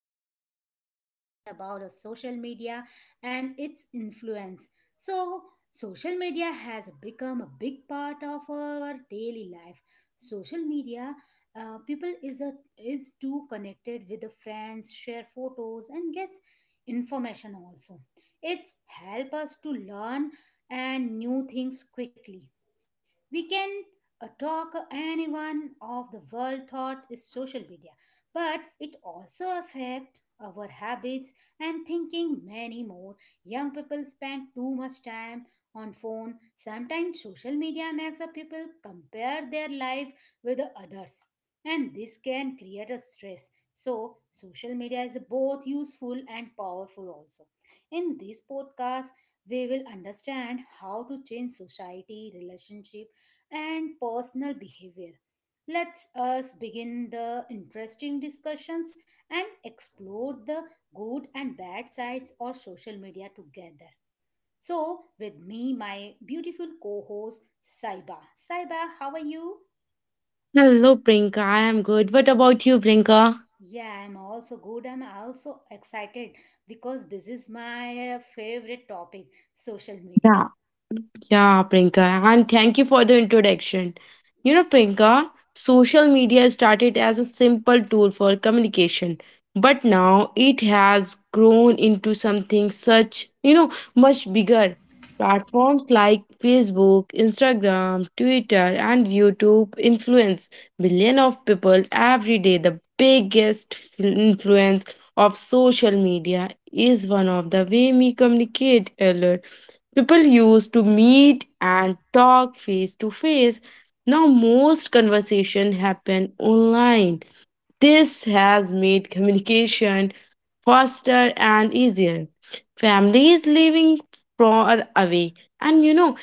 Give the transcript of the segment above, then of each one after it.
Today we are talking about a social media and its influence. So, social media has become a big part of our daily life. Social media people is a is too connected with the friends, share photos and gets information also. It's help us to learn and new things quickly we can talk anyone of the world thought is social media but it also affect our habits and thinking many more young people spend too much time on phone sometimes social media makes a people compare their life with the others and this can create a stress so social media is both useful and powerful also in this podcast we will understand how to change society, relationship, and personal behavior. Let's us begin the interesting discussions and explore the good and bad sides of social media together. So, with me, my beautiful co-host Saiba. Saiba, how are you? Hello, Prinka. I am good. What about you, Prinka? Yeah, I'm also good. I'm also excited because this is my favorite topic, social media. Yeah, Yeah, Priyanka, and thank you for the introduction. You know, Priyanka, social media started as a simple tool for communication, but now it has grown into something such, much bigger. Platforms like Facebook, Instagram, Twitter, and YouTube influence billion of people every day. The biggest influence of social media is one of the way we communicate a lot. People used to meet and talk face to face. Now most conversation happen online. This has made communication faster and easier. Families living far away and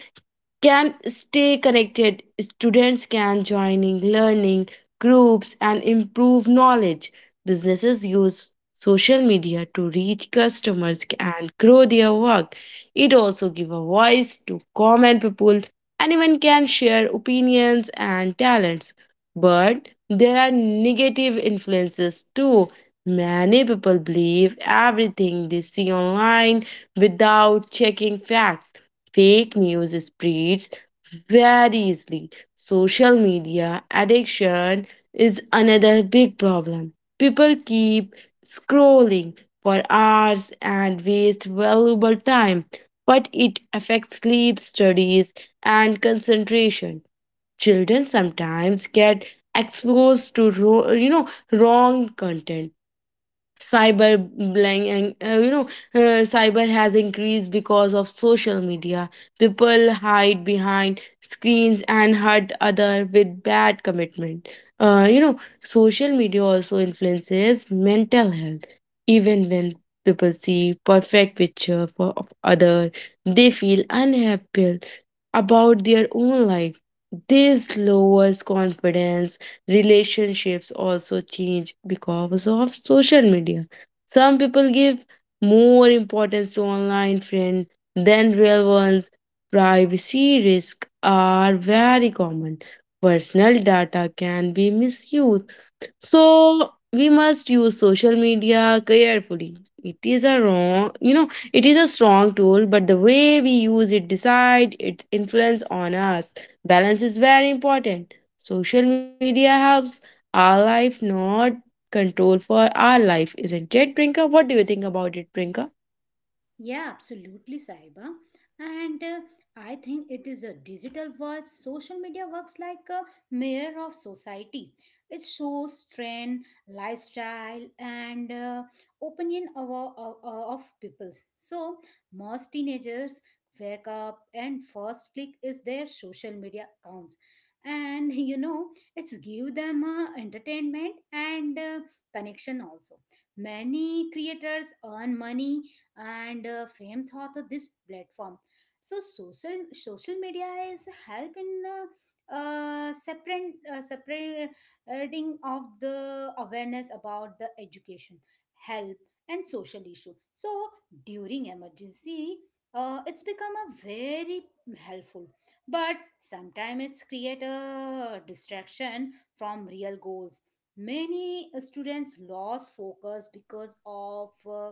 can stay connected. Students can joining learning groups and improve knowledge. Businesses use social media to reach customers and grow their work. It also give a voice to common people. Anyone can share opinions and talents. But there are negative influences too. Many people believe everything they see online without checking facts. Fake news spreads very easily. Social media addiction is another big problem. People keep scrolling for hours and waste valuable time, but it affects sleep, studies, and concentration. Children sometimes get exposed to wrong content, cyber bullying, and cyber has increased because of social media. People hide behind screens and hurt other with bad commitment. Social media also influences mental health. Even when people see perfect picture for of other, they feel unhappy about their own life. This lowers confidence. Relationships also change because of social media. Some people give more importance to online friends than real ones. Privacy risks are very common. Personal data can be misused, so we must use social media carefully. It is a strong tool, but the way we use it decide its influence on us. Balance is very important. Social media helps our life, not control for our life, isn't it, Prinka? What do you think about it, Prinka? Yeah, absolutely, Saiba. And I think it is a digital world. Social media works like a mirror of society. It shows trend, lifestyle, and opinion of peoples. So most teenagers wake up and first click is their social media accounts. And you know, it's give them entertainment and connection also. Many creators earn money and fame thought of this platform so social media is help in separate separating of the awareness about the education health and social issue so during emergency it's become a very helpful but sometimes it's create a distraction from real goals many students lost focus because of uh,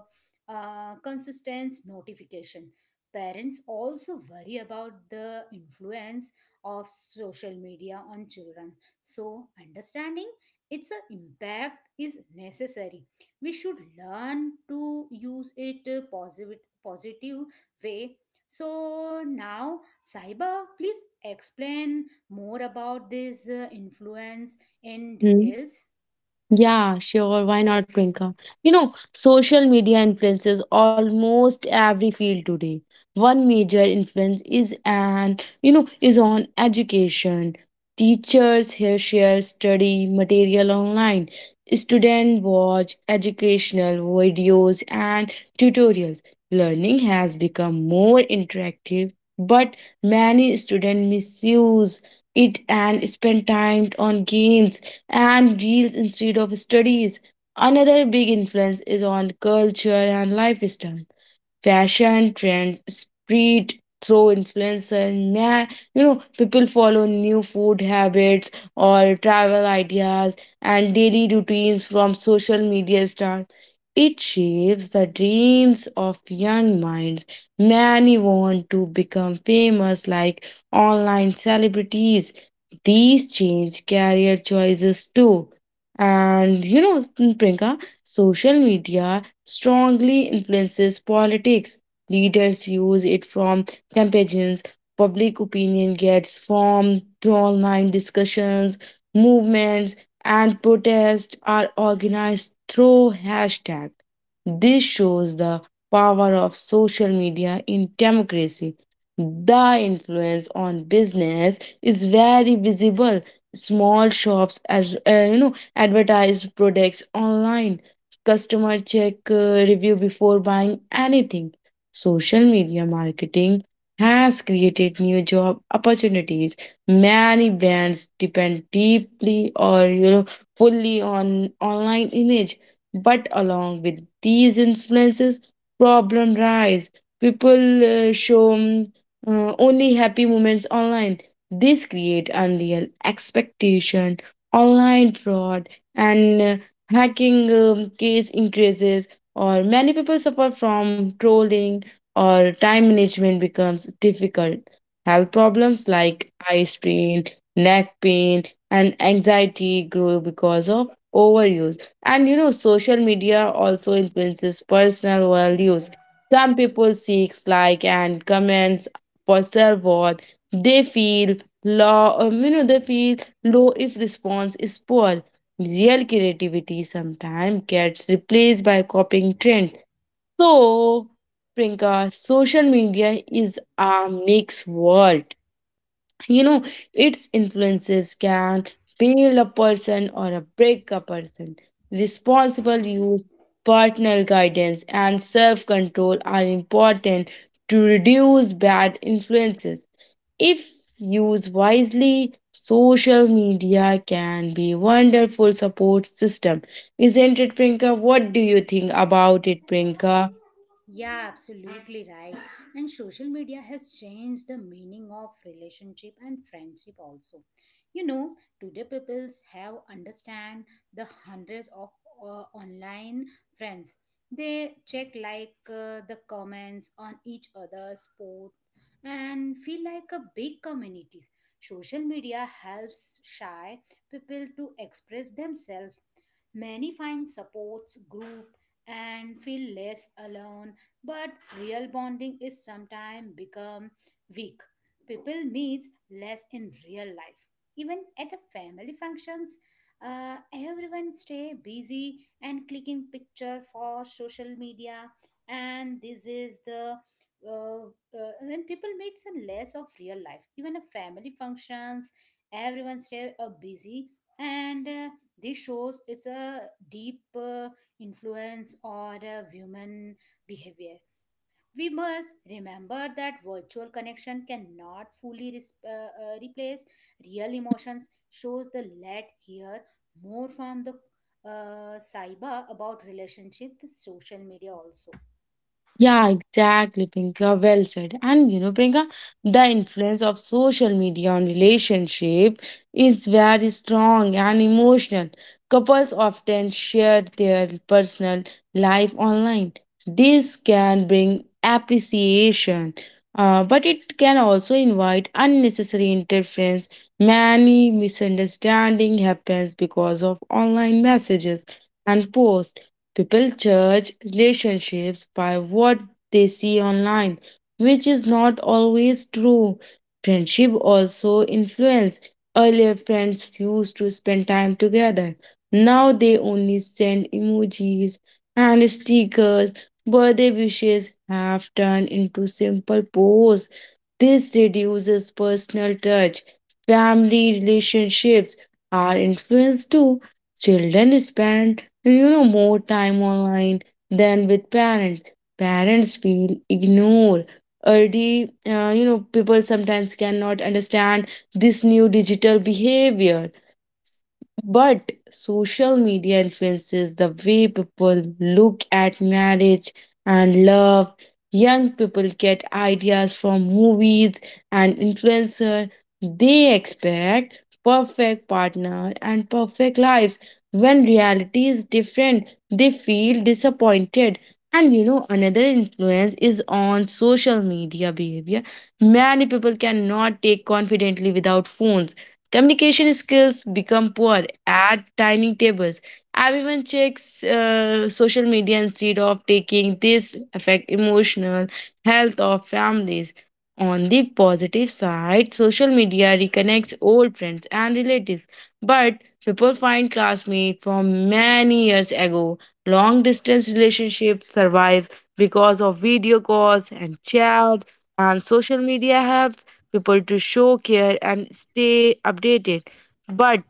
uh, consistent notification. Parents also worry about the influence of social media on children. So, understanding its impact is necessary. We should learn to use it positive way. So now, Saiba, please explain more about this influence in details. Yeah, sure. Why not, Priyanka? You know, social media influences almost every field today. One major influence is an you know is on education. Teachers here share study material online. Students watch educational videos and tutorials. Learning has become more interactive, but many students misuse it and spend time on games and reels instead of studies. Another big influence is on culture and lifestyle. Fashion trends spread through influencer. ma- people follow new food habits or travel ideas and daily routines from social media stars. It shapes the dreams of young minds. Many want to become famous like online celebrities. These change career choices too. And you know Priyanka, social media strongly influences politics. Leaders use it from campaigns. Public opinion gets formed through online discussions, movements, and protests are organized through hashtag. This shows the power of social media in democracy. The influence on business is very visible. Small shops, advertise products online. Customer check review before buying anything. Social media marketing has created new job opportunities. Many brands depend deeply or you know fully on online image. But along with these influences, problem rise. People show only happy moments online. This create unreal expectation, online fraud, and hacking case increases, or many people suffer from trolling, or time management becomes difficult. Health problems like eye strain, neck pain, and anxiety grow because of overuse. And you know social media also influences personal values. Some people seek like and comments for self-worth. They feel low. They feel low if response is poor. Real creativity sometimes gets replaced by copying trends. So, Priyanka, social media is a mixed world. You know, its influences can build a person or a break a person. Responsible use, personal guidance, and self control are important to reduce bad influences. If used wisely, social media can be wonderful support system. Isn't it, Prinka? What do you think about it, Prinka? Yeah, absolutely right. And social media has changed the meaning of relationship and friendship also. You know, today peoples have understand the hundreds of online friends. They check like the comments on each other's post and feel like a big communities. Social media helps shy people to express themselves. Many find supports group and feel less alone but real bonding is sometimes become weak people meets less in real life even at a family functions everyone stay busy and clicking picture for social media and this is the and people makes a less of real life even a family functions everyone stay busy and this shows it's a deep influence or a human behavior we must remember that virtual connection cannot fully replace real emotions. Shows the let hear more from the Saiba about relationship, the social media also. Yeah, exactly, Priyanka. Well said. And you know, Priyanka, the influence of social media on relationship is very strong and emotional. Couples often share their personal life online. This can bring appreciation, but it can also invite unnecessary interference. Many misunderstanding happens because of online messages and posts. People judge relationships by what they see online, which is not always true. Friendship also influence. Earlier friends used to spend time together. Now they only send emojis and stickers. Birthday wishes have turned into simple posts. This reduces personal touch. Family relationships are influenced too. Children spend more time online than with parents. Parents feel ignored. Early, people sometimes cannot understand this new digital behavior, but social media influences the way people look at marriage and love. Young people get ideas from movies and influencers. They expect perfect partner and perfect lives. When reality is different, they feel disappointed. And you know, another influence is on social media behavior. Many people cannot take confidently without phones. Communication skills become poor at dining tables. Everyone checks social media instead of taking this affect emotional health of families. On the positive side, social media reconnects old friends and relatives, but people find classmates from many years ago. Long distance relationships survive because of video calls and chat, and social media helps people to show care and stay updated. But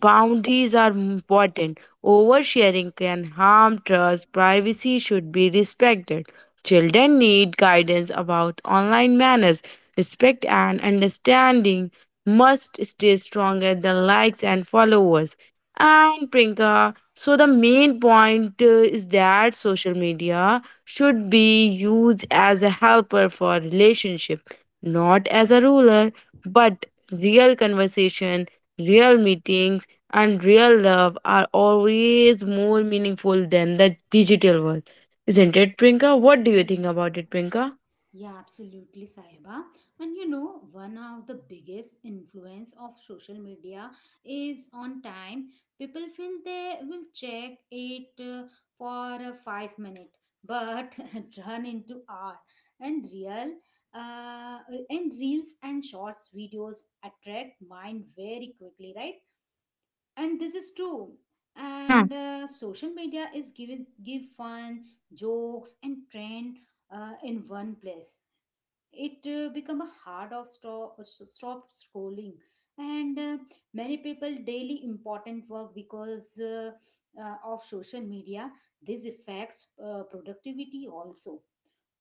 boundaries are important. Oversharing can harm trust. Privacy should be respected. Children need guidance about online manners. Respect and understanding must stay stronger than likes and followers. And Prinka, so the main point is that social media should be used as a helper for relationship, not as a ruler, but real conversation, real meetings, and real love are always more meaningful than the digital world. Isn't it, Prinka? What do you Ye- think about it, Prinka? Yeah, absolutely, Sahiba. And you know, one of the biggest influence of social media is on time. People feel they will check it for a 5 minute, but run into hour. And uh, and reels and shorts videos attract mind very quickly, right? And this is true. Yeah, And social media is given give fun, jokes, and trend in one place it become a hard of stop scrolling and many people daily important work because of social media this affects productivity also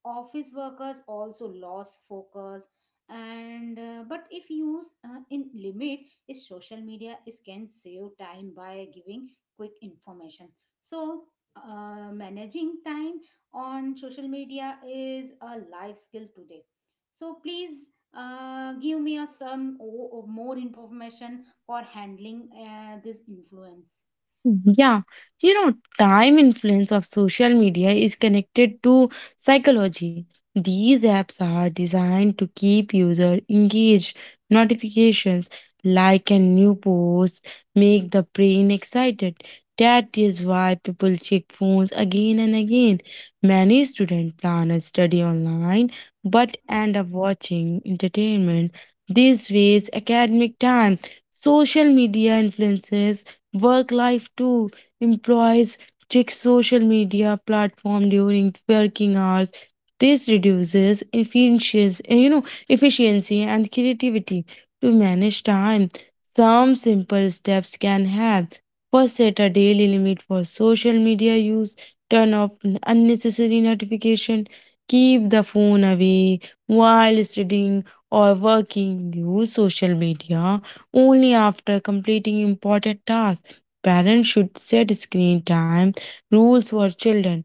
office workers also lost focus and but if used in limit is social media is can save time by giving quick information so managing time on social media is a life skill today so please give me a some more information for handling this influence Yeah, You know, time influence of social media is connected to psychology. These apps are designed to keep user engaged. Notifications like a new post make the brain excited. That is why people check phones again and again. Many students plan a study online but end up watching entertainment. This wastes academic time. Social media influences work life too. Employees check social media platform during working hours. This reduces efficiency, you know, efficiency and creativity to manage time. Some simple steps can help. First, set a daily limit for social media use. Turn off unnecessary notification. Keep the phone away while studying or working. Use social media only after completing important tasks. Parents should set screen time rules for children.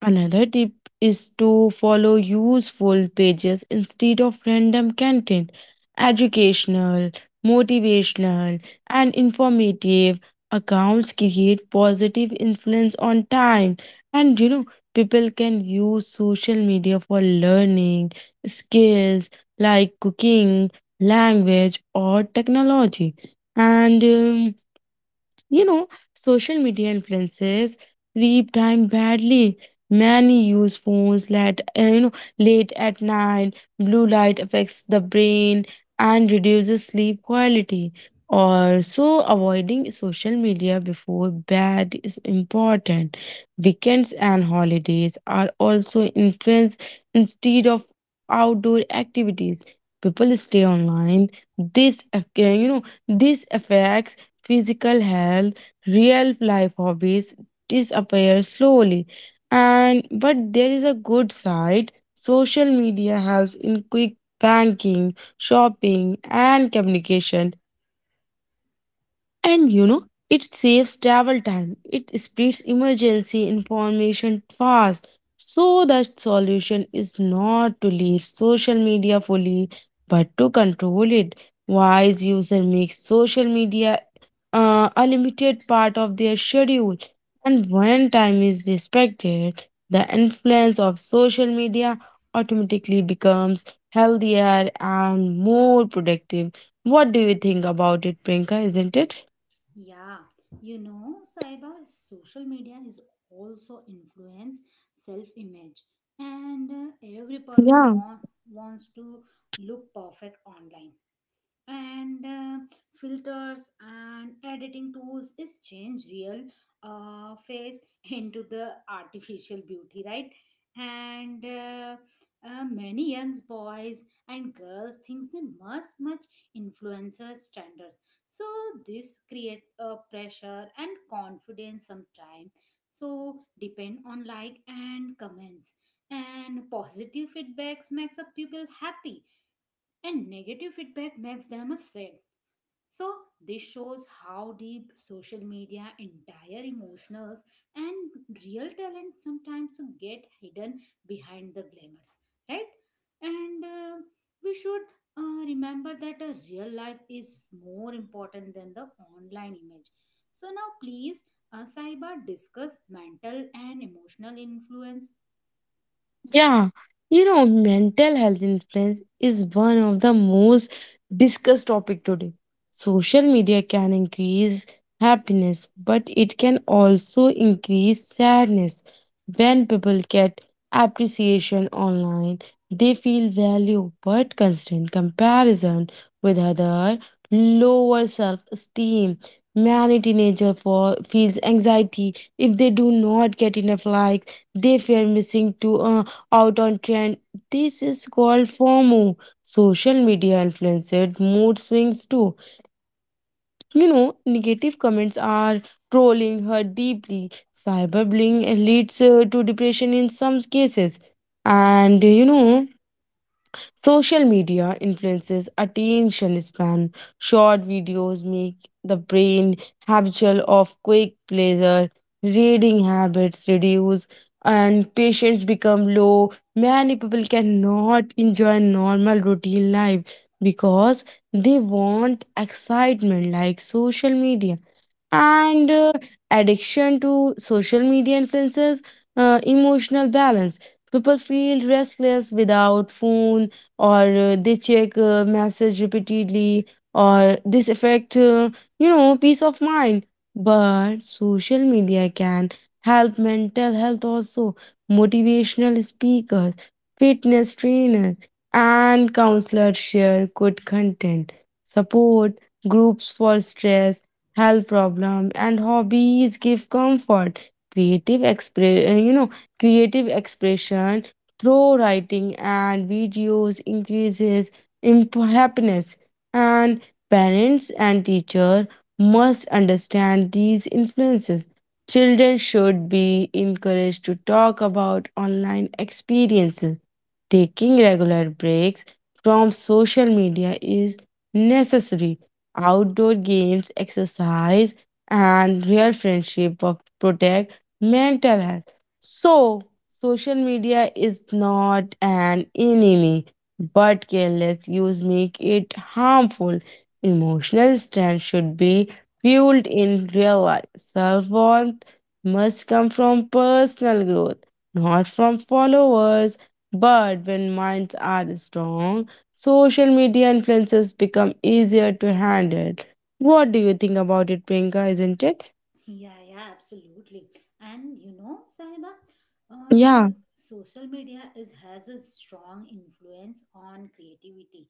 Another tip is to follow useful pages instead of random content. Educational, motivational, and informative accounts create positive influence on time. And you know, people can use social media for learning skills like cooking, language, or technology. And um, social media influences sleep time badly. Many use phones late, late at night. Blue light affects the brain and reduces sleep quality. Also, avoiding social media before bed is important. Weekends and holidays are also influenced. Instead of outdoor activities, people stay online. This affects physical health, real life hobbies disappear slowly. And but there is a good side. Social media helps in quick banking, shopping, and communication. And you know, it saves travel time. It speeds emergency information fast. So the solution is not to leave social media fully, but to control it. Wise user makes social media a limited part of their schedule. And when time is respected, the influence of social media automatically becomes healthier and more productive. What do you think about it, Prinka? Isn't it? Yeah, you know, Saiba, social media is also influence self-image, and every person Yeah. Wants to look perfect online and filters and editing tools is change real face into the artificial beauty right and many young boys and girls thinks they must much influencer standards so this create a pressure and confidence sometime so depend on like and comments and positive feedbacks makes up people happy and negative feedback makes them a sad. So this shows how deep social media, entire emotionals, and real talent sometimes get hidden behind the glamours, right? And we should remember that a real life is more important than the online image. So now, please, Saiba, discuss mental and emotional influence Yeah, you know, mental health influence is one of the most discussed topic today. Social media can increase happiness, but it can also increase sadness. When people get appreciation online, they feel value, but constant comparison with other lower self-esteem. Many teenager for feels anxiety if they do not get enough likes. They fear missing to a out on trend. This is called FOMO, social media influencer mood swings too. You know, negative comments are trolling her deeply. Cyberbullying leads to depression in some cases. And you know, social media influences attention span. Short videos make the brain habitual of quick pleasure. Reading habits reduce and patience become low. Many people cannot enjoy normal routine life because they want excitement like social media. And addiction to social media influences emotional balance. People feel restless without phone, or they check message repeatedly, or this affect, peace of mind. But social media can help mental health also. Motivational speakers, fitness trainers, and counselors share good content. Support groups for stress, health problem, and hobbies give comfort. creative expre- uh, you know creative expression through writing and videos increases happiness. And parents and teacher must understand these influences. Children should be encouraged to talk about online experiences. Taking regular breaks from social media is necessary. Outdoor games, exercise, and real friendship of protect mental health. So, social media is not an enemy, but careless use make it harmful. Emotional strength should be fueled in real life. Self worth must come from personal growth, not from followers. But when minds are strong, social media influences become easier to handle. What do you think about it, Priyanka? Isn't it? Yeah, yeah, absolutely. And you know, Sahiba, Yeah, uh, social media is has a strong influence on creativity,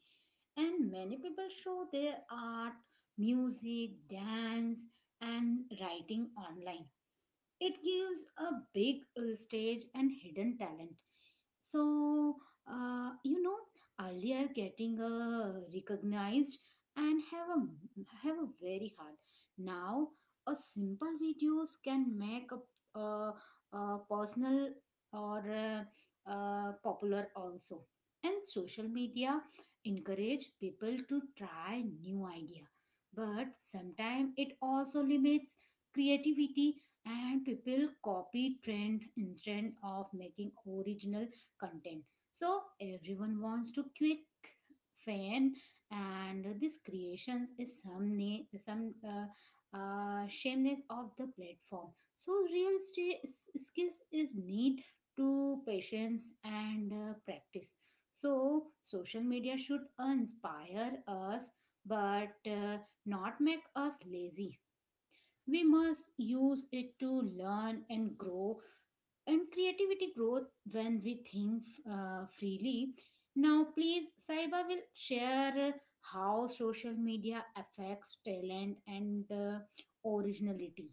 and many people show their art, music, dance, and writing online. It gives a big stage and hidden talent. So, you know, earlier getting recognized and have a very hard. Now, a simple videos can make a personal or popular also. And social media encourage people to try new idea, but sometimes it also limits creativity and people copy trend instead of making original content so everyone wants to quick fan and this creations is some na- some shameless of the platform so real skills is need to patience and practice so social media should inspire us but not make us lazy we must use it to learn and grow and creativity growth when we think freely now please saiba will share how social media affects talent and originality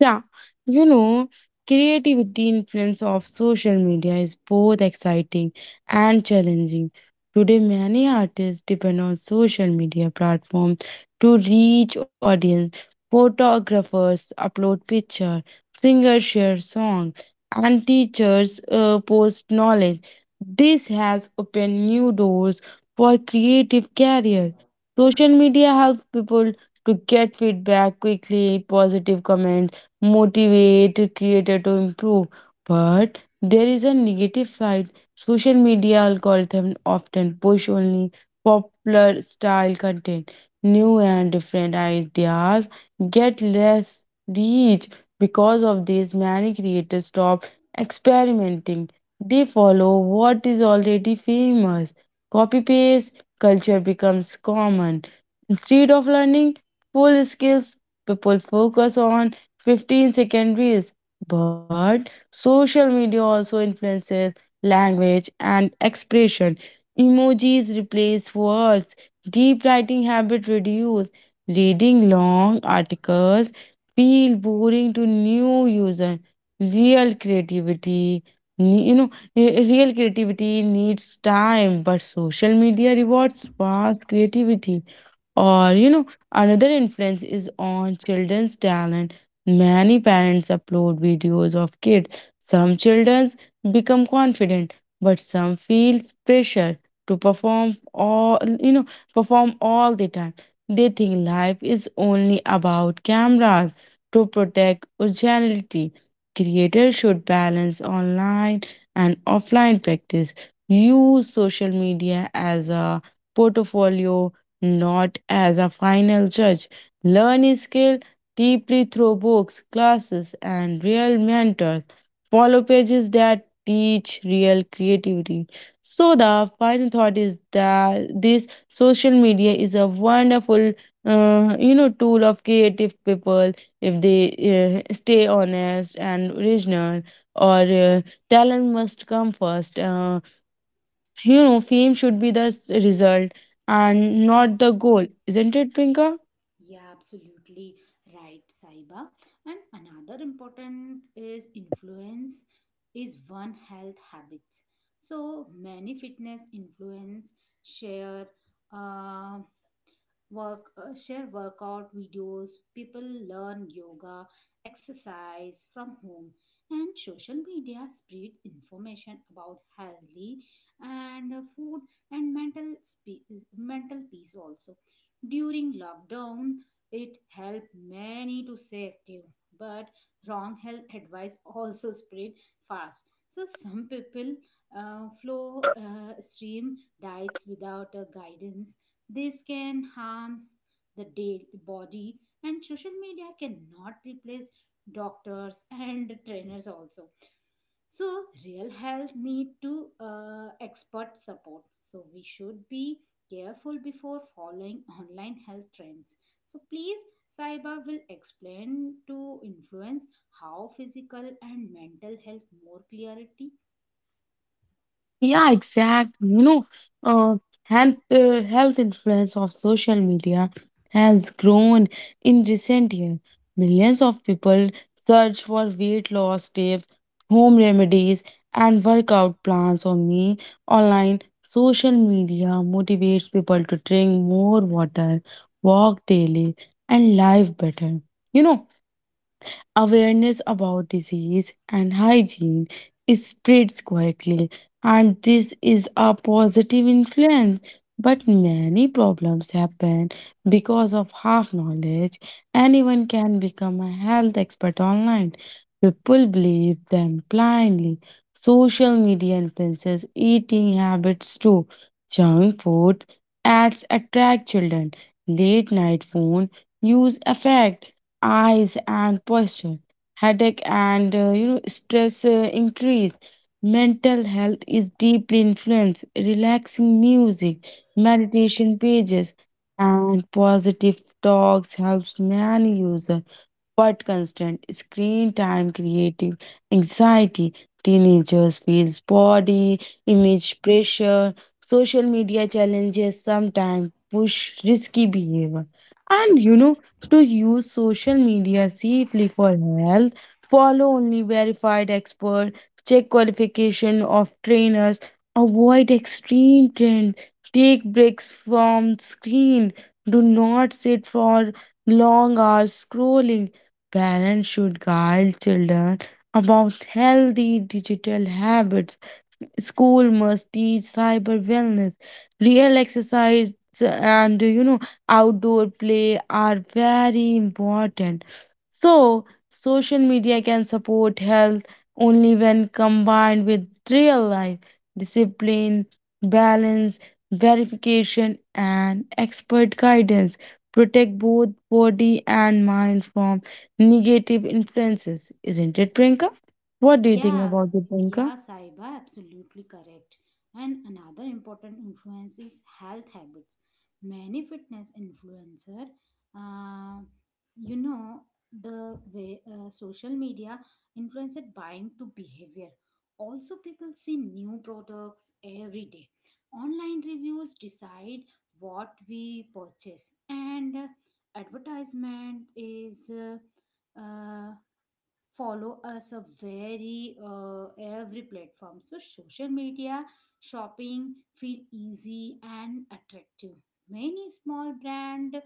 Yeah, you know, Creativity influence of social media is both exciting and challenging. Today, many artists depend on social media platforms to reach audience. Photographers upload picture, singers share song, and teachers post knowledge. This has opened new doors for creative career. Social media helps people to get feedback quickly, positive comments motivate creator to improve. But there is a negative side. Social media algorithms often push only popular style content. New and different ideas get less reach. Because of this, many creators stop experimenting. They follow what is already famous. Copy paste culture becomes common. Instead of learning full skills, people focus on 15-second reels. But social media also influences language and expression. Emojis replace words. Deep writing habit reduce. Reading long articles feel boring to new user. Real creativity, ne- you know, real creativity needs time, but social media rewards fast creativity. Or, you know, another influence is on children's talent. Many parents upload videos of kids. Some children become confident, but some feel pressure to perform all the time. They think life is only about cameras to protect originality. Creators should balance online and offline practice. Use social media as a portfolio, not as a final judge. Learn a skill deeply through books, classes, and real mentors. Follow pages that teach real creativity. So the final thought is that this social media is a wonderful, tool of creative people if they stay honest and original. Or Talent must come first. You know, fame should be the result and not the goal, isn't it, Prinka? yeah absolutely right saiba and another important is influence is one health habits so many fitness influence share Uh, work share workout videos people learn yoga exercise from home and social media spread information about healthy and food and mental peace also during lockdown it helped many to stay active but wrong health advice also spread fast so some people flow stream diets without a guidance this can harms the body and social media cannot replace doctors and trainers also. So real health need to expert support. So we should be careful before following online health trends. So please Saiba will explain to influence how physical and mental health more clarity. Yeah, exactly. Uh, Health influence of social media has grown in recent years. Millions of people search for weight loss tips, home remedies, and workout plans on only online. Social media motivates people to drink more water, walk daily, and live better. You know, awareness about disease and hygiene is spreads quickly, and this is a positive influence. But many problems happen because of half knowledge. Anyone can become a health expert online. People believe them blindly. Social media influences eating habits too. Junk food ads attract children. Late night phone use affect eyes and posture, headache, and stress increase. Mental health is deeply influenced. Relaxing music, meditation pages, and positive talks helps many users, but constant screen time creative anxiety. Teenagers feels body image pressure. Social media challenges sometimes push risky behavior, and to use social media safely for health, follow only verified expert, check qualification of trainers, avoid extreme trends, take breaks from screen, do not sit for long hours scrolling. Parents should guide children about healthy digital habits. School must teach cyber wellness, real exercise, and outdoor play are very important. So, social media can support health only when combined with real life discipline, balance, verification, and expert guidance. Protect both body and mind from negative influences, isn't it, Priyanka? What do you think Yeah, about it, Priyanka? yeah, Saiba, absolutely correct. And another important influence is health habits. Many fitness influencer, uh, you know, the way social media influenced buying to behavior. Also, people see new products every day. Online reviews decide what we purchase, and advertisement is. Follow us a very every platform so social media shopping feel easy and attractive many small brand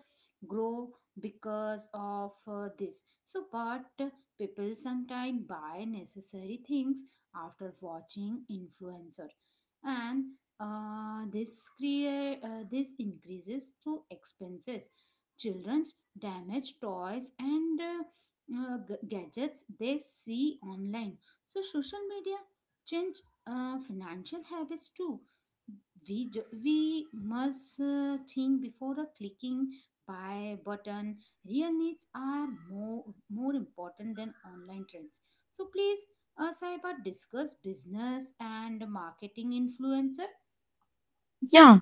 grow because of this so but people sometimes buy necessary things after watching influencer and this create this increases through expenses children's damaged toys and gadgets they see online. So social media change financial habits too. We must think before a clicking buy button. Real needs are more important than online trends. So please, Saiba, discuss business and marketing influencer. Yeah,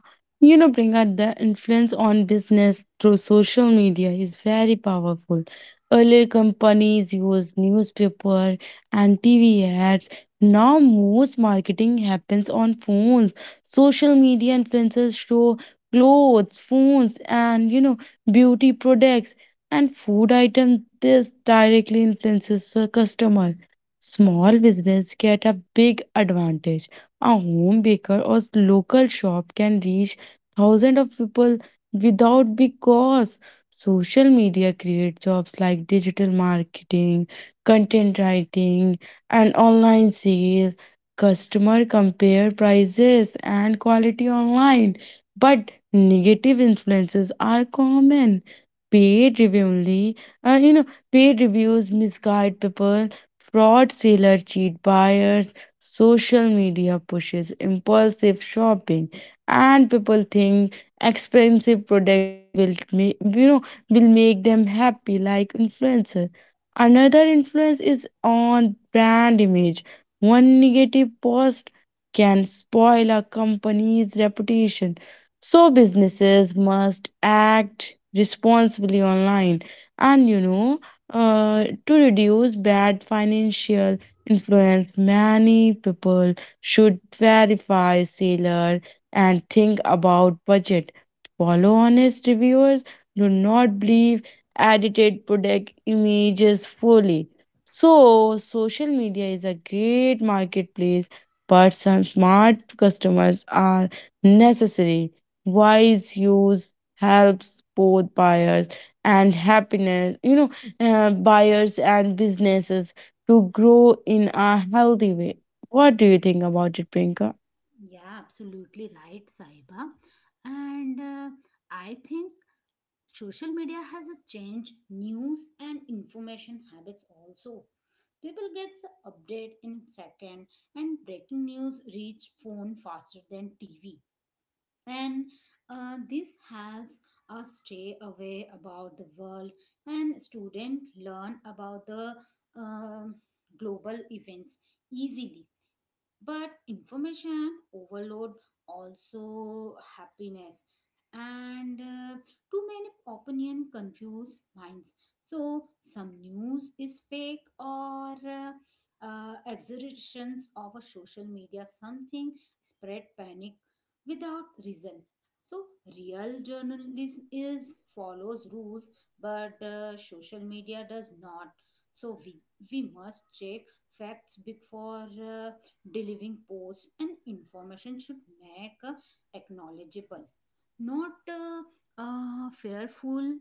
Priyanka, the influence on business through social media is very powerful. Earlier, companies used newspaper and TV ads. Now, most marketing happens on phones. Social media influencers show clothes, phones, and beauty products and food items. This directly influences the customer. Small business get a big advantage. A home baker or local shop can reach thousands of people without big cost. Social media create jobs like digital marketing, content writing, and online sales. Customer compare prices and quality online, but negative influences are common. Paid review only, you know, Paid reviews misguide people, fraud seller cheat buyers. Social media pushes impulsive shopping, and people think expensive product will make them happy like influencer. Another influence is on brand image. One negative post can spoil a company's reputation. So businesses must act responsibly online, and to reduce bad financial influenced, many people should verify seller and think about budget. Follow honest reviewers. Do not believe edited product images fully. So, social media is a great marketplace, but some smart customers are necessary. Wise use helps both buyers and happiness, you know, buyers and businesses to grow in a healthy way. What do you think about it, Priyanka? Yeah, absolutely right, Saiba. And I think social media has a changed news and information habits also people gets update in second and breaking news reach phone faster than tv and this helps us stay away about the world and student learn about the um global events easily but information overload also happiness and too many opinion confuse minds so some news is fake or exaggerations of a social media something spread panic without reason so real journalism is follows rules but social media does not so we must check facts before delivering posts and information should make acknowledgeable not fearful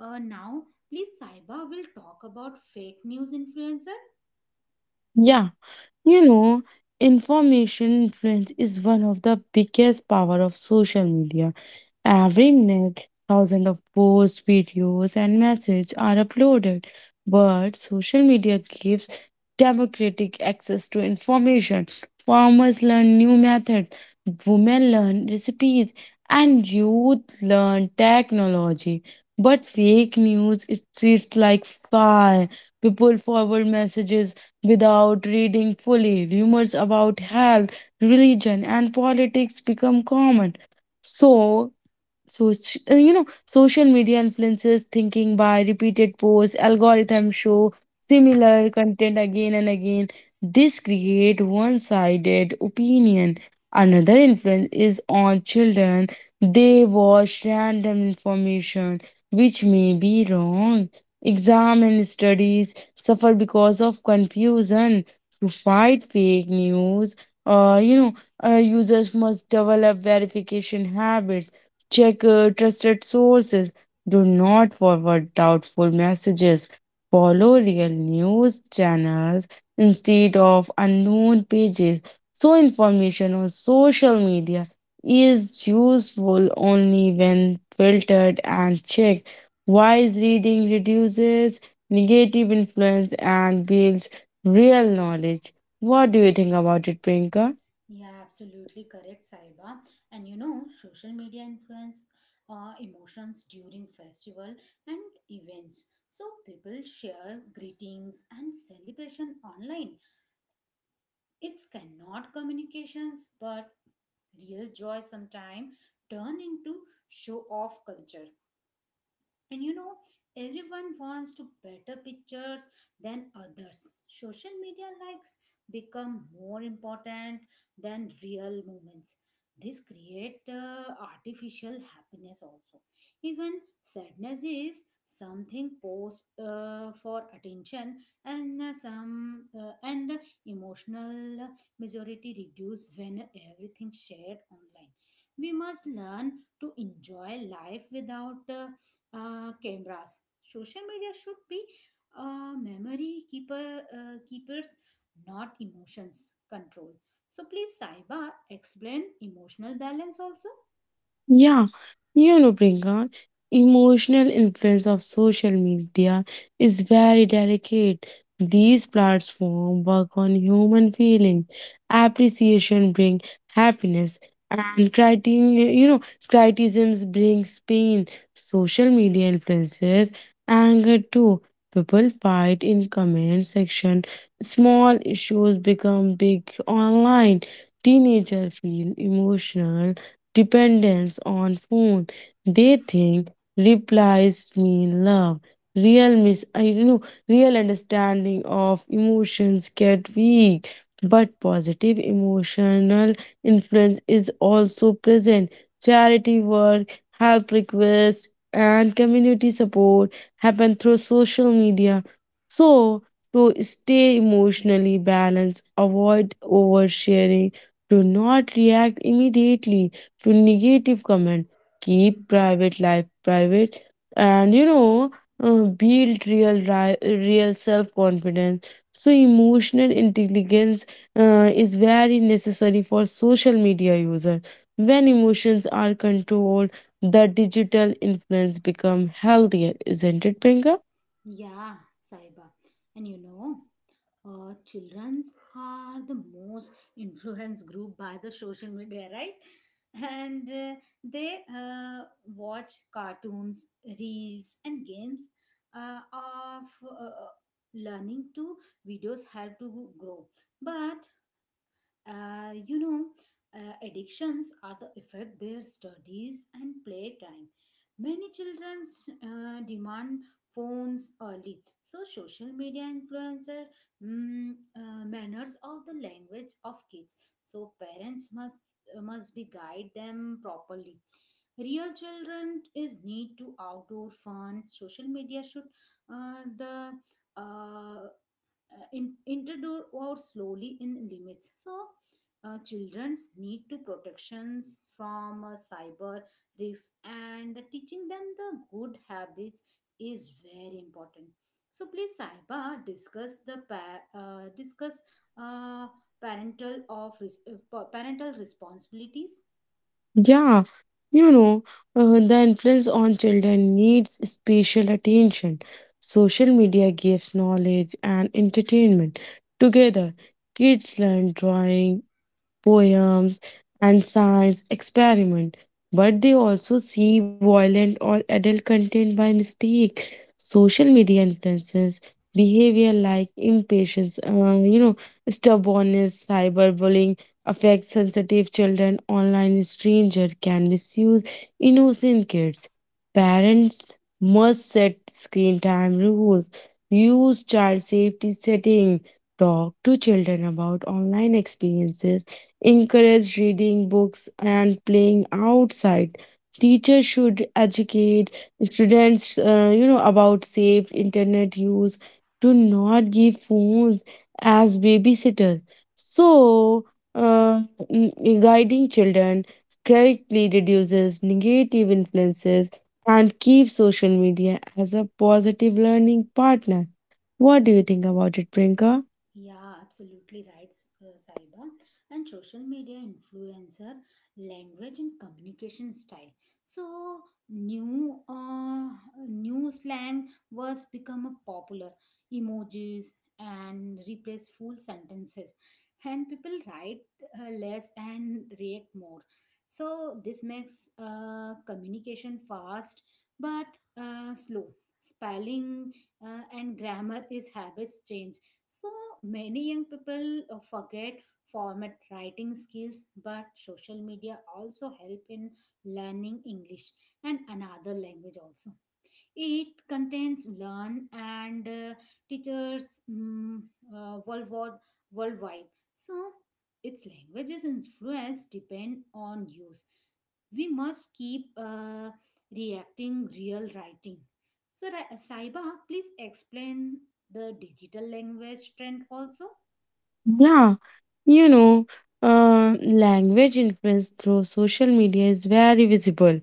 now please saiba will talk about fake news influencer Yeah, you know, Information influence is one of the biggest power of social media. Every minute, thousands of posts, videos, and messages are uploaded. But social media gives democratic access to information. Farmers learn new methods, women learn recipes, and youth learn technology. But fake news it treats like fire. People forward messages without reading fully. Rumors about health, religion, and politics become common. So so, it's- you know, social media influences thinking by repeated posts. Algorithms show similar content again and again. This create one-sided opinion. Another influence is on children. They watch random information which may be wrong. Exam and studies suffer because of confusion. To fight fake news, uh, you know, users must develop verification habits. Check trusted sources. Do not forward doubtful messages. Follow real news channels instead of unknown pages. So, information on social media is useful only when filtered and checked. Wise reading reduces negative influence and builds real knowledge. What do you think about it, Priyanka? yeah absolutely correct saiba and you know social media influence emotions during festival and events so people share greetings and celebration online it's cannot communications but real joy sometimes turn into show off culture and you know, everyone wants to better pictures than others. Social media likes become more important than real moments. This create artificial happiness also. Even sadness is something post for attention and some and emotional majority reduce when everything shared online. We must learn to enjoy life without cameras. Social media should be memory keeper keepers, not emotions control. So please, Saiba, explain emotional balance also. Yeah, Priyanka, emotional influence of social media is very delicate. These platforms work on human feeling. Appreciation bring happiness, and critiquing, you know, criticisms brings pain. Social media influences anger too. People fight in comment section. Small issues become big online. Teenagers feel emotional dependence on phone. They think replies mean love. Real mis I you know Real understanding of emotions get weak, but positive emotional influence is also present. Charity work, help requests, and community support happen through social media. So to stay emotionally balanced, avoid oversharing, do not react immediately to negative comment. Keep private life private, and build real self confidence. So emotional intelligence is very necessary for social media user. When emotions are controlled, the digital influence become healthier, isn't it, Priyanka? Yeah, Saiba, and you know children's are the most influenced group by the social media right and they watch cartoons reels and games of uh, learning to videos help to grow but you know, addictions are the affect their studies and playtime. Many children demand phones early, so social media influencer manners of the language of kids. So parents must be guide them properly. Real children is need to outdoor fun. Social media should uh, the uh, introduced or slowly in limits. So, childrens need to protections from cyber risks and teaching them the good habits is very important. So, please, Saiba, discuss the discuss uh, parental parental responsibilities. Yeah, you know, the influence on children needs special attention. Social media gives knowledge and entertainment. Together, kids learn drawing, poems, and science experiment, but they also see violent or adult content by mistake. Social media influences behavior like impatience, stubbornness. Cyberbullying affects sensitive children. Online stranger can misuse innocent kids. Parents must set screen time rules. Use child safety setting. Talk to children about online experiences, encourage reading books and playing outside. Teachers should educate students, about safe internet use. Do not give phones as babysitter. So, uh, mm, guiding children correctly reduces negative influences and keeps social media as a positive learning partner. What do you think about it, Prinka? Yeah, absolutely right, Saiba. And social media influencer language and communication style. So new, uh, new slang words become a popular emojis and replace full sentences, and people write less and react more. So this makes communication fast but slow. Spelling and grammar is habits change so many young people forget format writing skills, but social media also help in learning English and another language also. It contains learn and teachers uh, worldwide, worldwide. So its language's influence depend on use. We must keep reacting real writing. So Saiba, please explain the digital language trend also. Yeah, you know, Language influence through social media is very visible.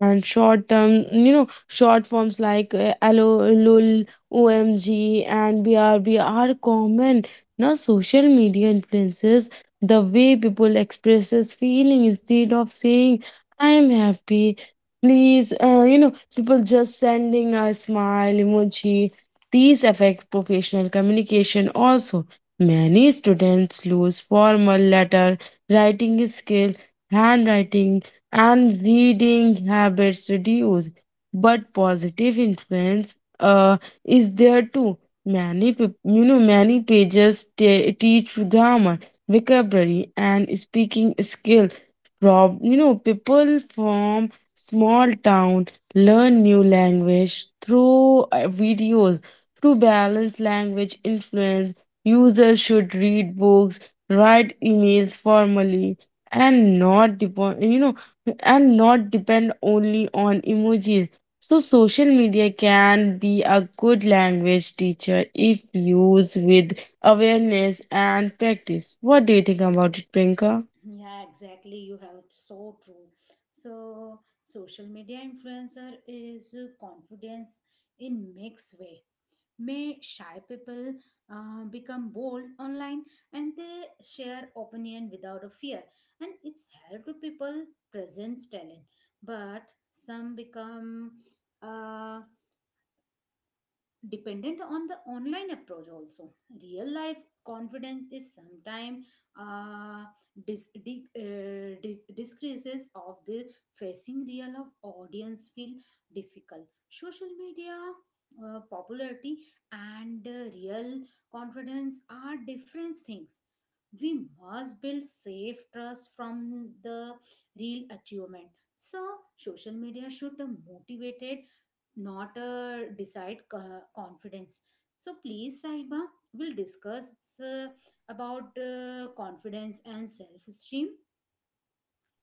And short term, you know, short forms like LO, LOL, OMG, and BRB are common. Now, social media influences the way people expresses feeling. Instead of saying, I am happy. Please, people just sending a smile emoji. These affect professional communication also. Many students lose formal letter writing skill, handwriting, and reading habits reduce. But positive influence is there too. Many peop- you know many pages teach grammar, vocabulary, and speaking skill. Prob- you know people from small town learn new language through videos. To balance language influence, users should read books, write emails formally, and not depend, you know, and not depend only on emojis. So social media can be a good language teacher if used with awareness and practice. What do you think about it, Prinka? Yeah, exactly. You have so true. So social media influencer is confidence in mixed way may shy people become bold online and they share opinion without a fear and it's helped to people presents talent but some become uh, dependent on the online approach also real life confidence is sometimes uh, decreases of the facing real of audience feel difficult social media popularity and real confidence are different things. We must build safe trust from the real achievement. So social media should motivate, not a decide confidence. So please, Saiba, we'll discuss uh, about confidence and self esteem.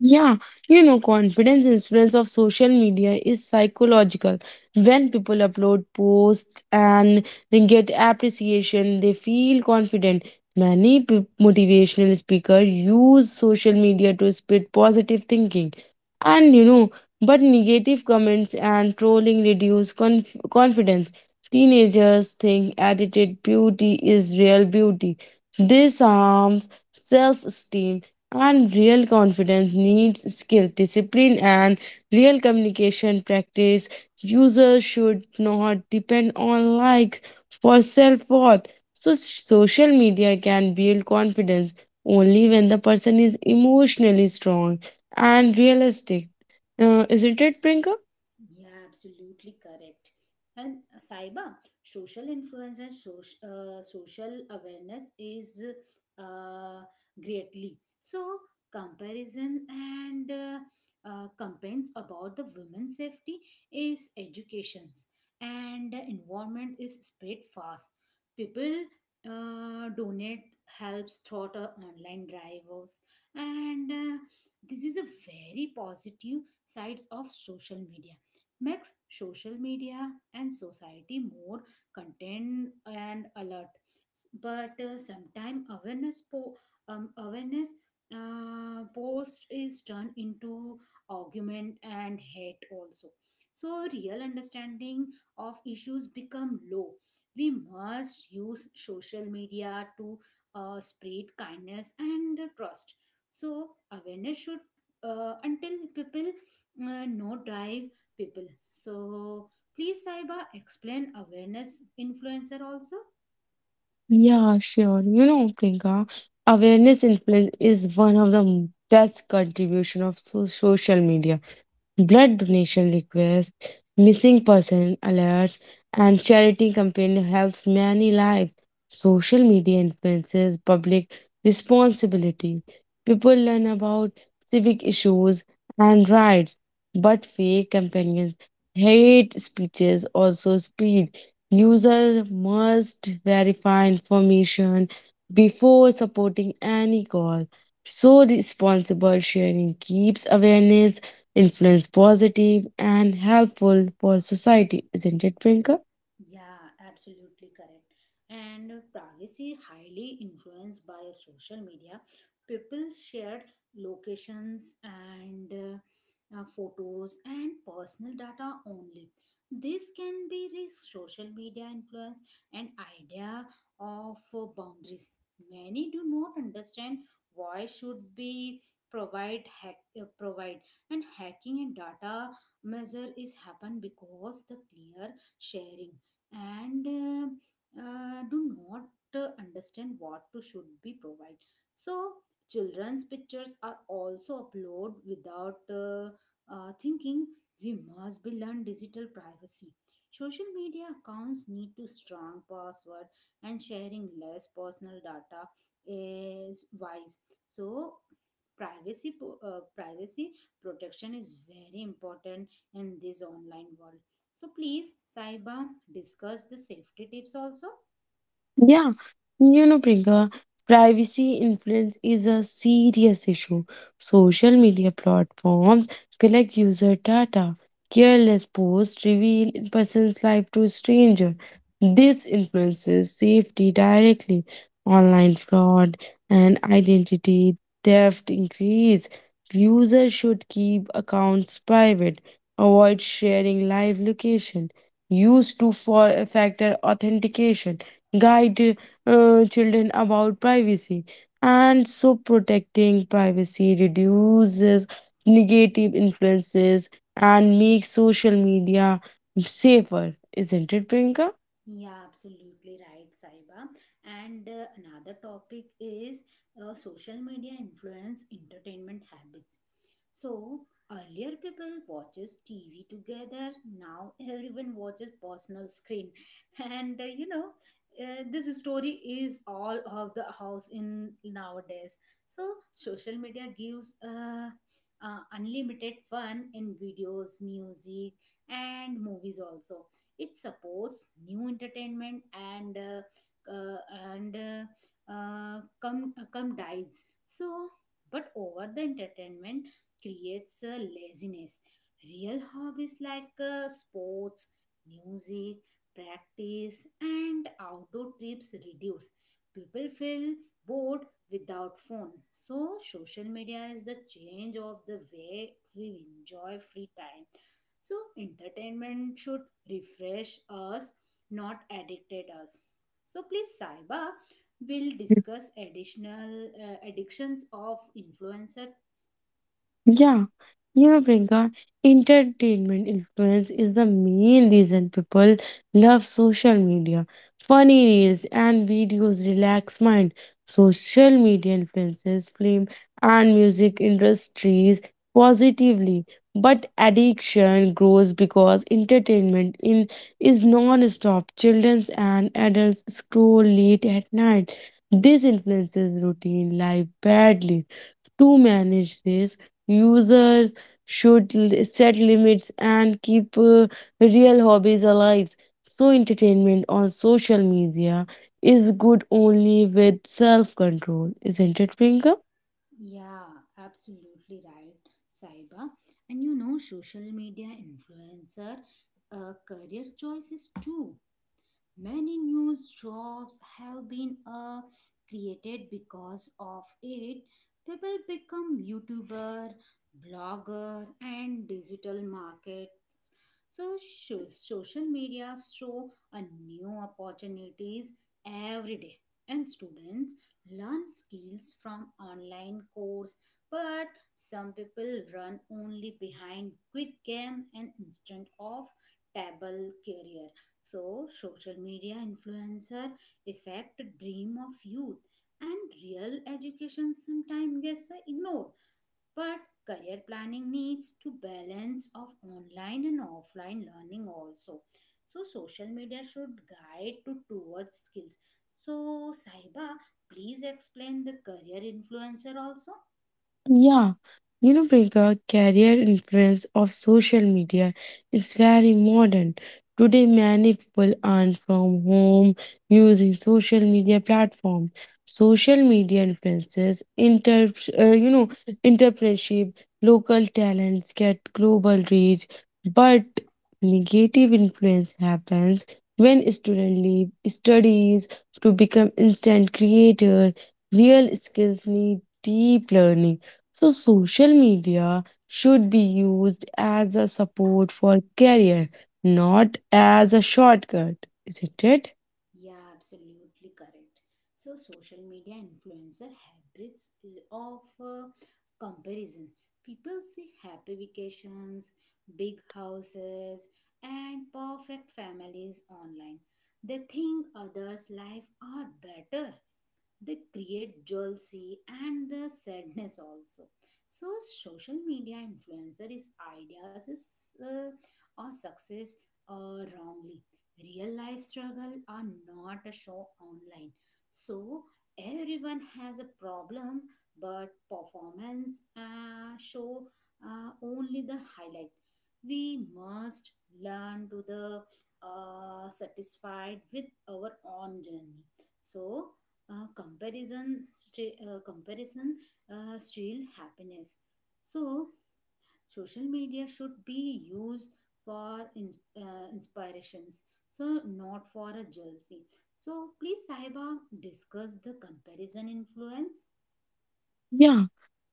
Yeah, Confidence influence of social media is psychological. When people upload posts and they get appreciation, they feel confident. Many motivational speakers use social media to spread positive thinking. And you know, but negative comments and trolling reduce confidence. Teenagers think edited beauty is real beauty. This harms self esteem, and real confidence needs skill, discipline, and real communication practice. Users should not depend on likes for self worth. So, social media can build confidence only when the person is emotionally strong and realistic. Isn't it, Prinka? Yeah, absolutely correct. And Saiba, social influence and social, social awareness is uh, greatly. So, comparison and campaigns about the women's safety is educations and the environment is spread fast. People donate helps through the online drivers and this is a very positive sides of social media makes social media and society more content and alert, but sometimes awareness awareness post is turned into argument and hate also. So real understanding of issues become low. We must use social media to spread kindness and trust. So awareness should until people know drive people. So, please, Saiba, explain awareness influencer also. Yeah, sure. Priyanka, awareness influence is one of the best contribution of social media. Blood donation requests, missing person alerts, and charity campaign helps many lives. Social media influences public responsibility. People learn about civic issues and rights, but fake companions, hate speeches also spread. User must verify information before supporting any call. So responsible sharing keeps awareness, influence positive and helpful for society, isn't it, Prinka? Yeah, absolutely correct. And privacy highly influenced by social media. People shared locations and photos and personal data only. This can be risk social media influence and idea of boundaries. Many do not understand why should be provide and hacking and data measure is happen because the clear sharing and do not understand what to should be provided. So children's pictures are also uploaded without thinking. We must be learn digital privacy. Social media accounts need to strong password and sharing less personal data is wise. So privacy protection is very important in this online world. So please, Saiba, discuss the safety tips also. Yeah, Priyanka, privacy influence is a serious issue. Social media platforms collect user data. Careless posts reveal a person's life to a stranger. This influences safety directly. Online fraud and identity theft increase. Users should keep accounts private. Avoid sharing live location. Use two-factor authentication guide children about privacy, and so protecting privacy reduces negative influences and makes social media safer, isn't it, Priyanka? Yeah, absolutely right, Saiba. And another topic is social media influence entertainment habits. So earlier people watches TV together. Now everyone watches personal screen, and this story is all of the house in nowadays. So social media gives unlimited fun in videos, music, and movies also. It supports new entertainment uh, and come dies. So, but over the entertainment creates laziness. Real hobbies like sports, music, practice, and outdoor trips reduce. People feel bored without phone. So social media is the change of the way we enjoy free time. So entertainment should refresh us, not addicted us. So please, Saiba, will discuss additional addictions of influencer. Yeah, Priyanka, entertainment influence is the main reason people love social media. Funny reels and videos relax mind. Social media influences film and music industries positively, but addiction grows because entertainment in is non-stop. Children and adults scroll late at night. This influences routine life badly. To manage this, users set limits and keep real hobbies alive. So, entertainment on social media is good only with self control, isn't it, Priyanka? Yeah, absolutely right, Saiba. And you know, social media influencer career choices too. Many new jobs have been created because of it. People become YouTuber, blogger, and digital markets. So social media show a new opportunities every day, and students learn skills from online course. But some people run only behind quick game and instant of table career. So, social media influencer affect dream of youth and real education sometimes gets ignored. But career planning needs to balance of online and offline learning also. So, social media should guide to towards skills. So, Saiba, please explain the career influencer also. Yeah, Priyanka, career influence of social media is very modern. Today, many people earn from home using social media platform. Social media influences, inter, uh, you know, entrepreneurship, local talents get global reach, but negative influence happens when students leave studies to become instant creator. Real skills need deep learning. So, social media should be used as a support for career, not as a shortcut, isn't it? Yeah, absolutely correct. So, social media influencer habits of comparison. People see happy vacations, big houses, and perfect families online. They think others' life are better. They create jealousy and the sadness also. So social media influencer is ideas is uh, or success wrongly. Real life struggle are not a show online. So everyone has a problem, but performance show only the highlight. We must learn to the satisfied with our own journey. So comparison steal happiness. So social media should be used for inspirations, so not for a jealousy. So please, Saiba, discuss the comparison influence. Yeah.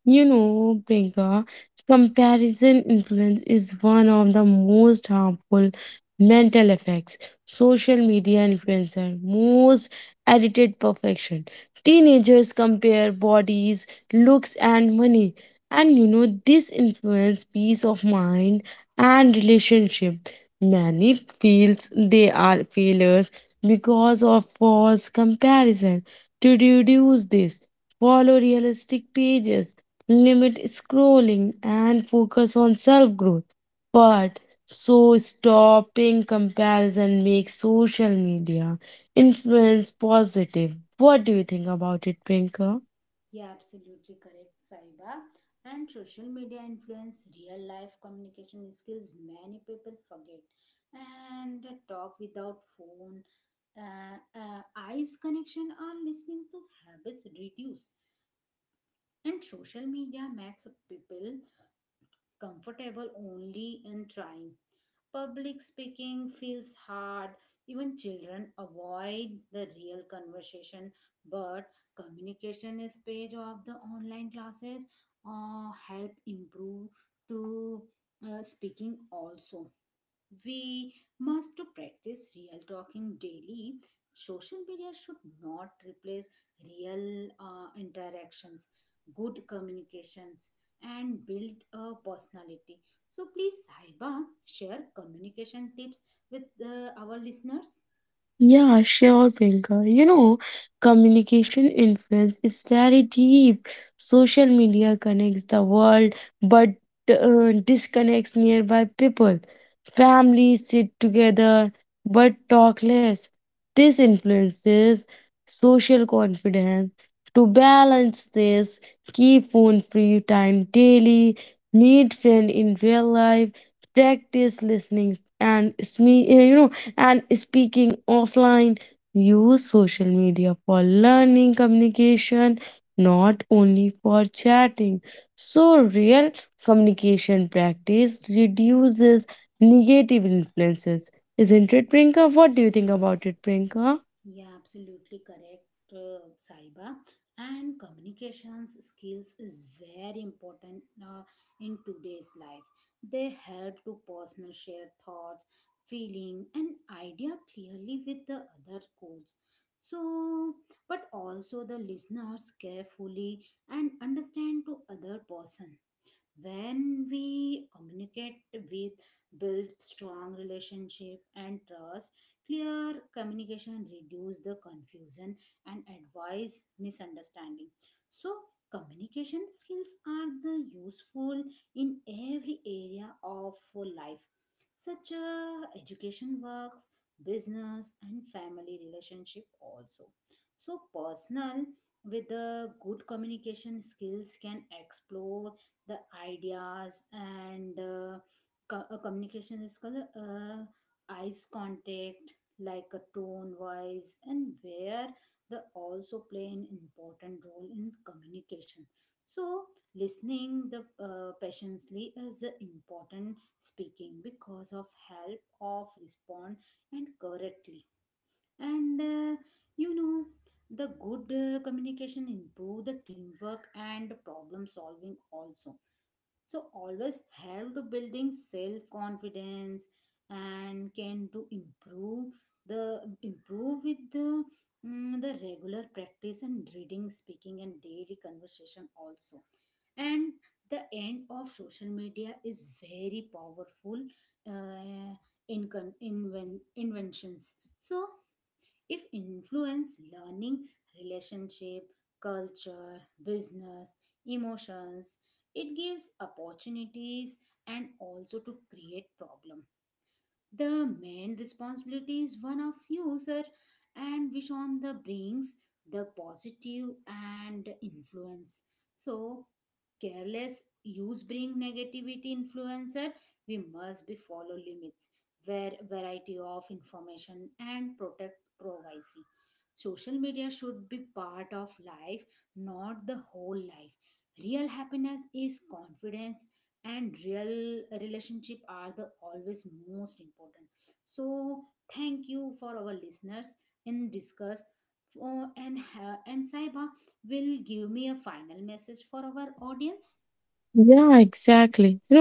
Priyanka, comparison influence is one of the most harmful mental effects. Social media influencer, most edited perfection. Teenagers compare bodies, looks, and money. And this influence peace of mind and relationship. Many feels they are failures because of false comparison. To reduce this, follow realistic pages, limit scrolling, and focus on self growth. But so stopping comparison makes social media influence positive. What do you think about it, Pinker? Yeah, absolutely correct, Saiba. And social media influence real life communication skills many people forget. And the talk without phone, eyes connection or listening to habits reduce. And social media makes people comfortable only in trying. Public speaking feels hard. Even children avoid the real conversation, but communication is page of the online classes or help improve to speaking also. We must to practice real talking daily. Social media should not replace real interactions, good communications, and build a personality. So please, Saiba, share communication tips with our listeners. Yeah, sure, Priyanka. Communication influence is very deep. Social media connects the world, but disconnects nearby people. Families sit together but talk less. This influences social confidence. To balance this, keep phone free time daily, meet friend in real life, practice listening and and speaking offline, use social media for learning communication, not only for chatting. So, real communication practice reduces negative influences. Isn't it, Prinka? What do you think about it, Prinka? Yeah, absolutely correct, Saiba. And communications skills is very important in today's life. They help to personal share thoughts, feeling, and idea clearly with the other codes. So, but also the listeners carefully and understand to other person when we communicate with build strong relationship and trust. Clear communication reduce the confusion and advise misunderstanding. So communication skills are the useful in every area of life, such as education works, business, and family relationship also. So personal with the good communication skills can explore the ideas and communication is called eyes contact like a tone voice and where they also play an important role in communication. So listening the patiently is a important speaking because of help of respond and correctly and you know the good communication improve the teamwork and problem solving also. So always help to building self confidence and can to improve the improve with the the regular practice and reading speaking and daily conversation also. And the end of social media is very powerful uh, in, in inventions. So if influence learning, relationship, culture, business, emotions, it gives opportunities and also to create problem. The main responsibility is one of user and which on the brings the positive and influence. So careless use bring negativity influencer, we must be follow limits where variety of information and protect privacy. Social media should be part of life, not the whole life. Real happiness is confidence and real relationship are the always most important. So thank you for our listeners in discuss for, and Saiba will give me a final message for our audience. Yeah, exactly.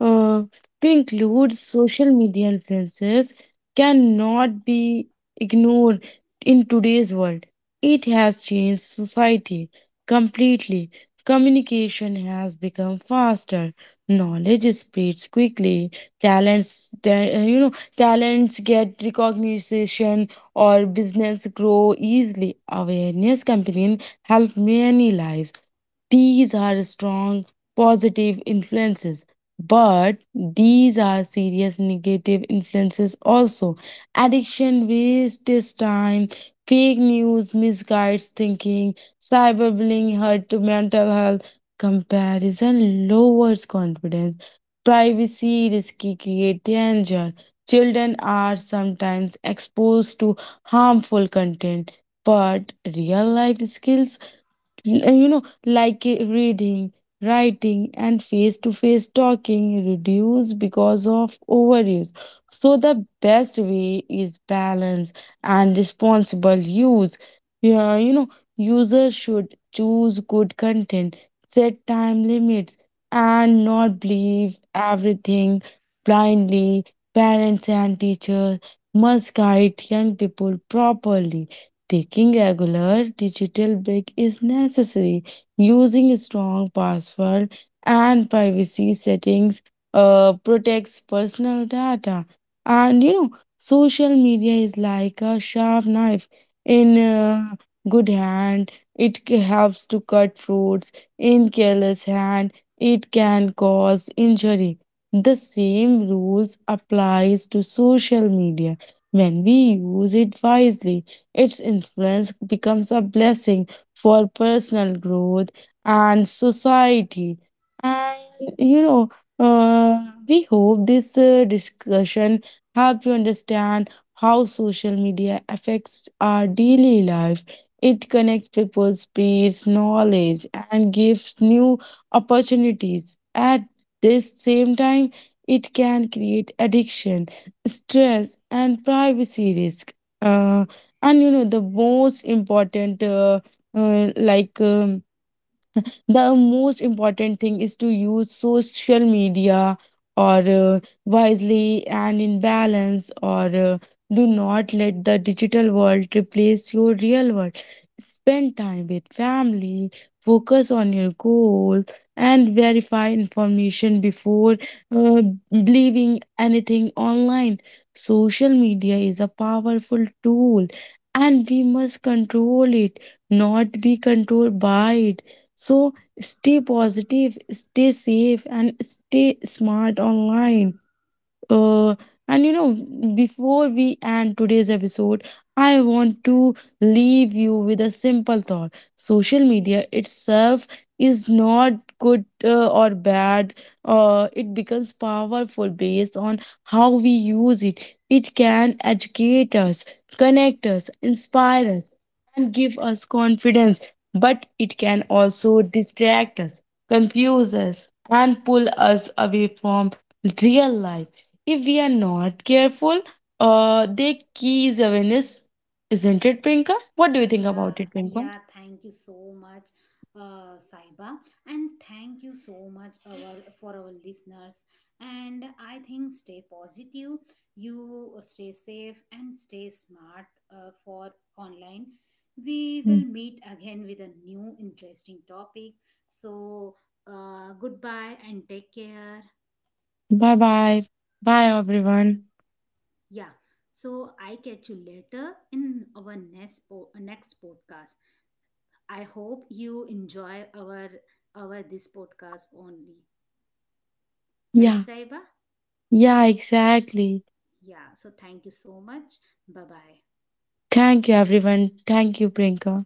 know, uh, to include social media influences cannot be ignored in today's world. It has changed society completely. Communication has become faster. Knowledge spreads quickly. Talents, ta- you know, talents get recognition or business grow easily. Awareness campaign help many lives. These are strong positive influences. But these are serious negative influences also. Addiction wastes time, fake news misguides thinking, cyberbullying hurt to mental health, comparison lowers confidence, privacy risky create danger. Children are sometimes exposed to harmful content, but real life skills reading, writing, and face to face talking reduce because of overuse. So the best way is balance and responsible use. Yeah, users should choose good content, set time limits, and not believe everything blindly. Parents and teachers must guide young people properly. Taking regular digital break is necessary. Using strong password and privacy settings protects personal data. And you know, Social media is like a sharp knife in good hand. It helps to cut fruits. In careless hand, it can cause injury. The same rules applies to social media when we use it wisely. Its influence becomes a blessing for personal growth and society. And you know, uh, we hope this discussion help you understand how social media affects our daily life. It connects people, spreads knowledge, and gives new opportunities. At this same time, it can create addiction, stress, and privacy risk. Uh, and you know the most important like the most important thing is to use social media or wisely and in balance or Do not let the digital world replace your real world. Spend time with family, focus on your goal, and verify information before uh, believing anything online. Social media is a powerful tool and we must control it, not be controlled by it. So stay positive, stay safe, and stay smart online. Uh, and you know before we end today's episode, I want to leave you with a simple thought. Social media itself is not good or bad. It becomes powerful based on how we use it. It can educate us, connect us, inspire us, and give us confidence. But it can also distract us, confuse us, and pull us away from real life if we are not careful. The key is awareness, isn't it, Prinka? What do you think Yeah, about it, Prinka? yeah, thank you so much, Saiba, and thank you so much our, for our listeners. And I think stay positive, you stay safe, and stay smart for online. We will meet again with a new interesting topic. So, goodbye and take care. Bye bye. Bye, everyone. Yeah, so I catch you later in our next podcast. I hope you enjoy our this podcast only. Right, Yeah, Saiba? yeah, exactly. Yeah. So thank you so much. Bye bye. Thank you, everyone. Thank you, Prinka.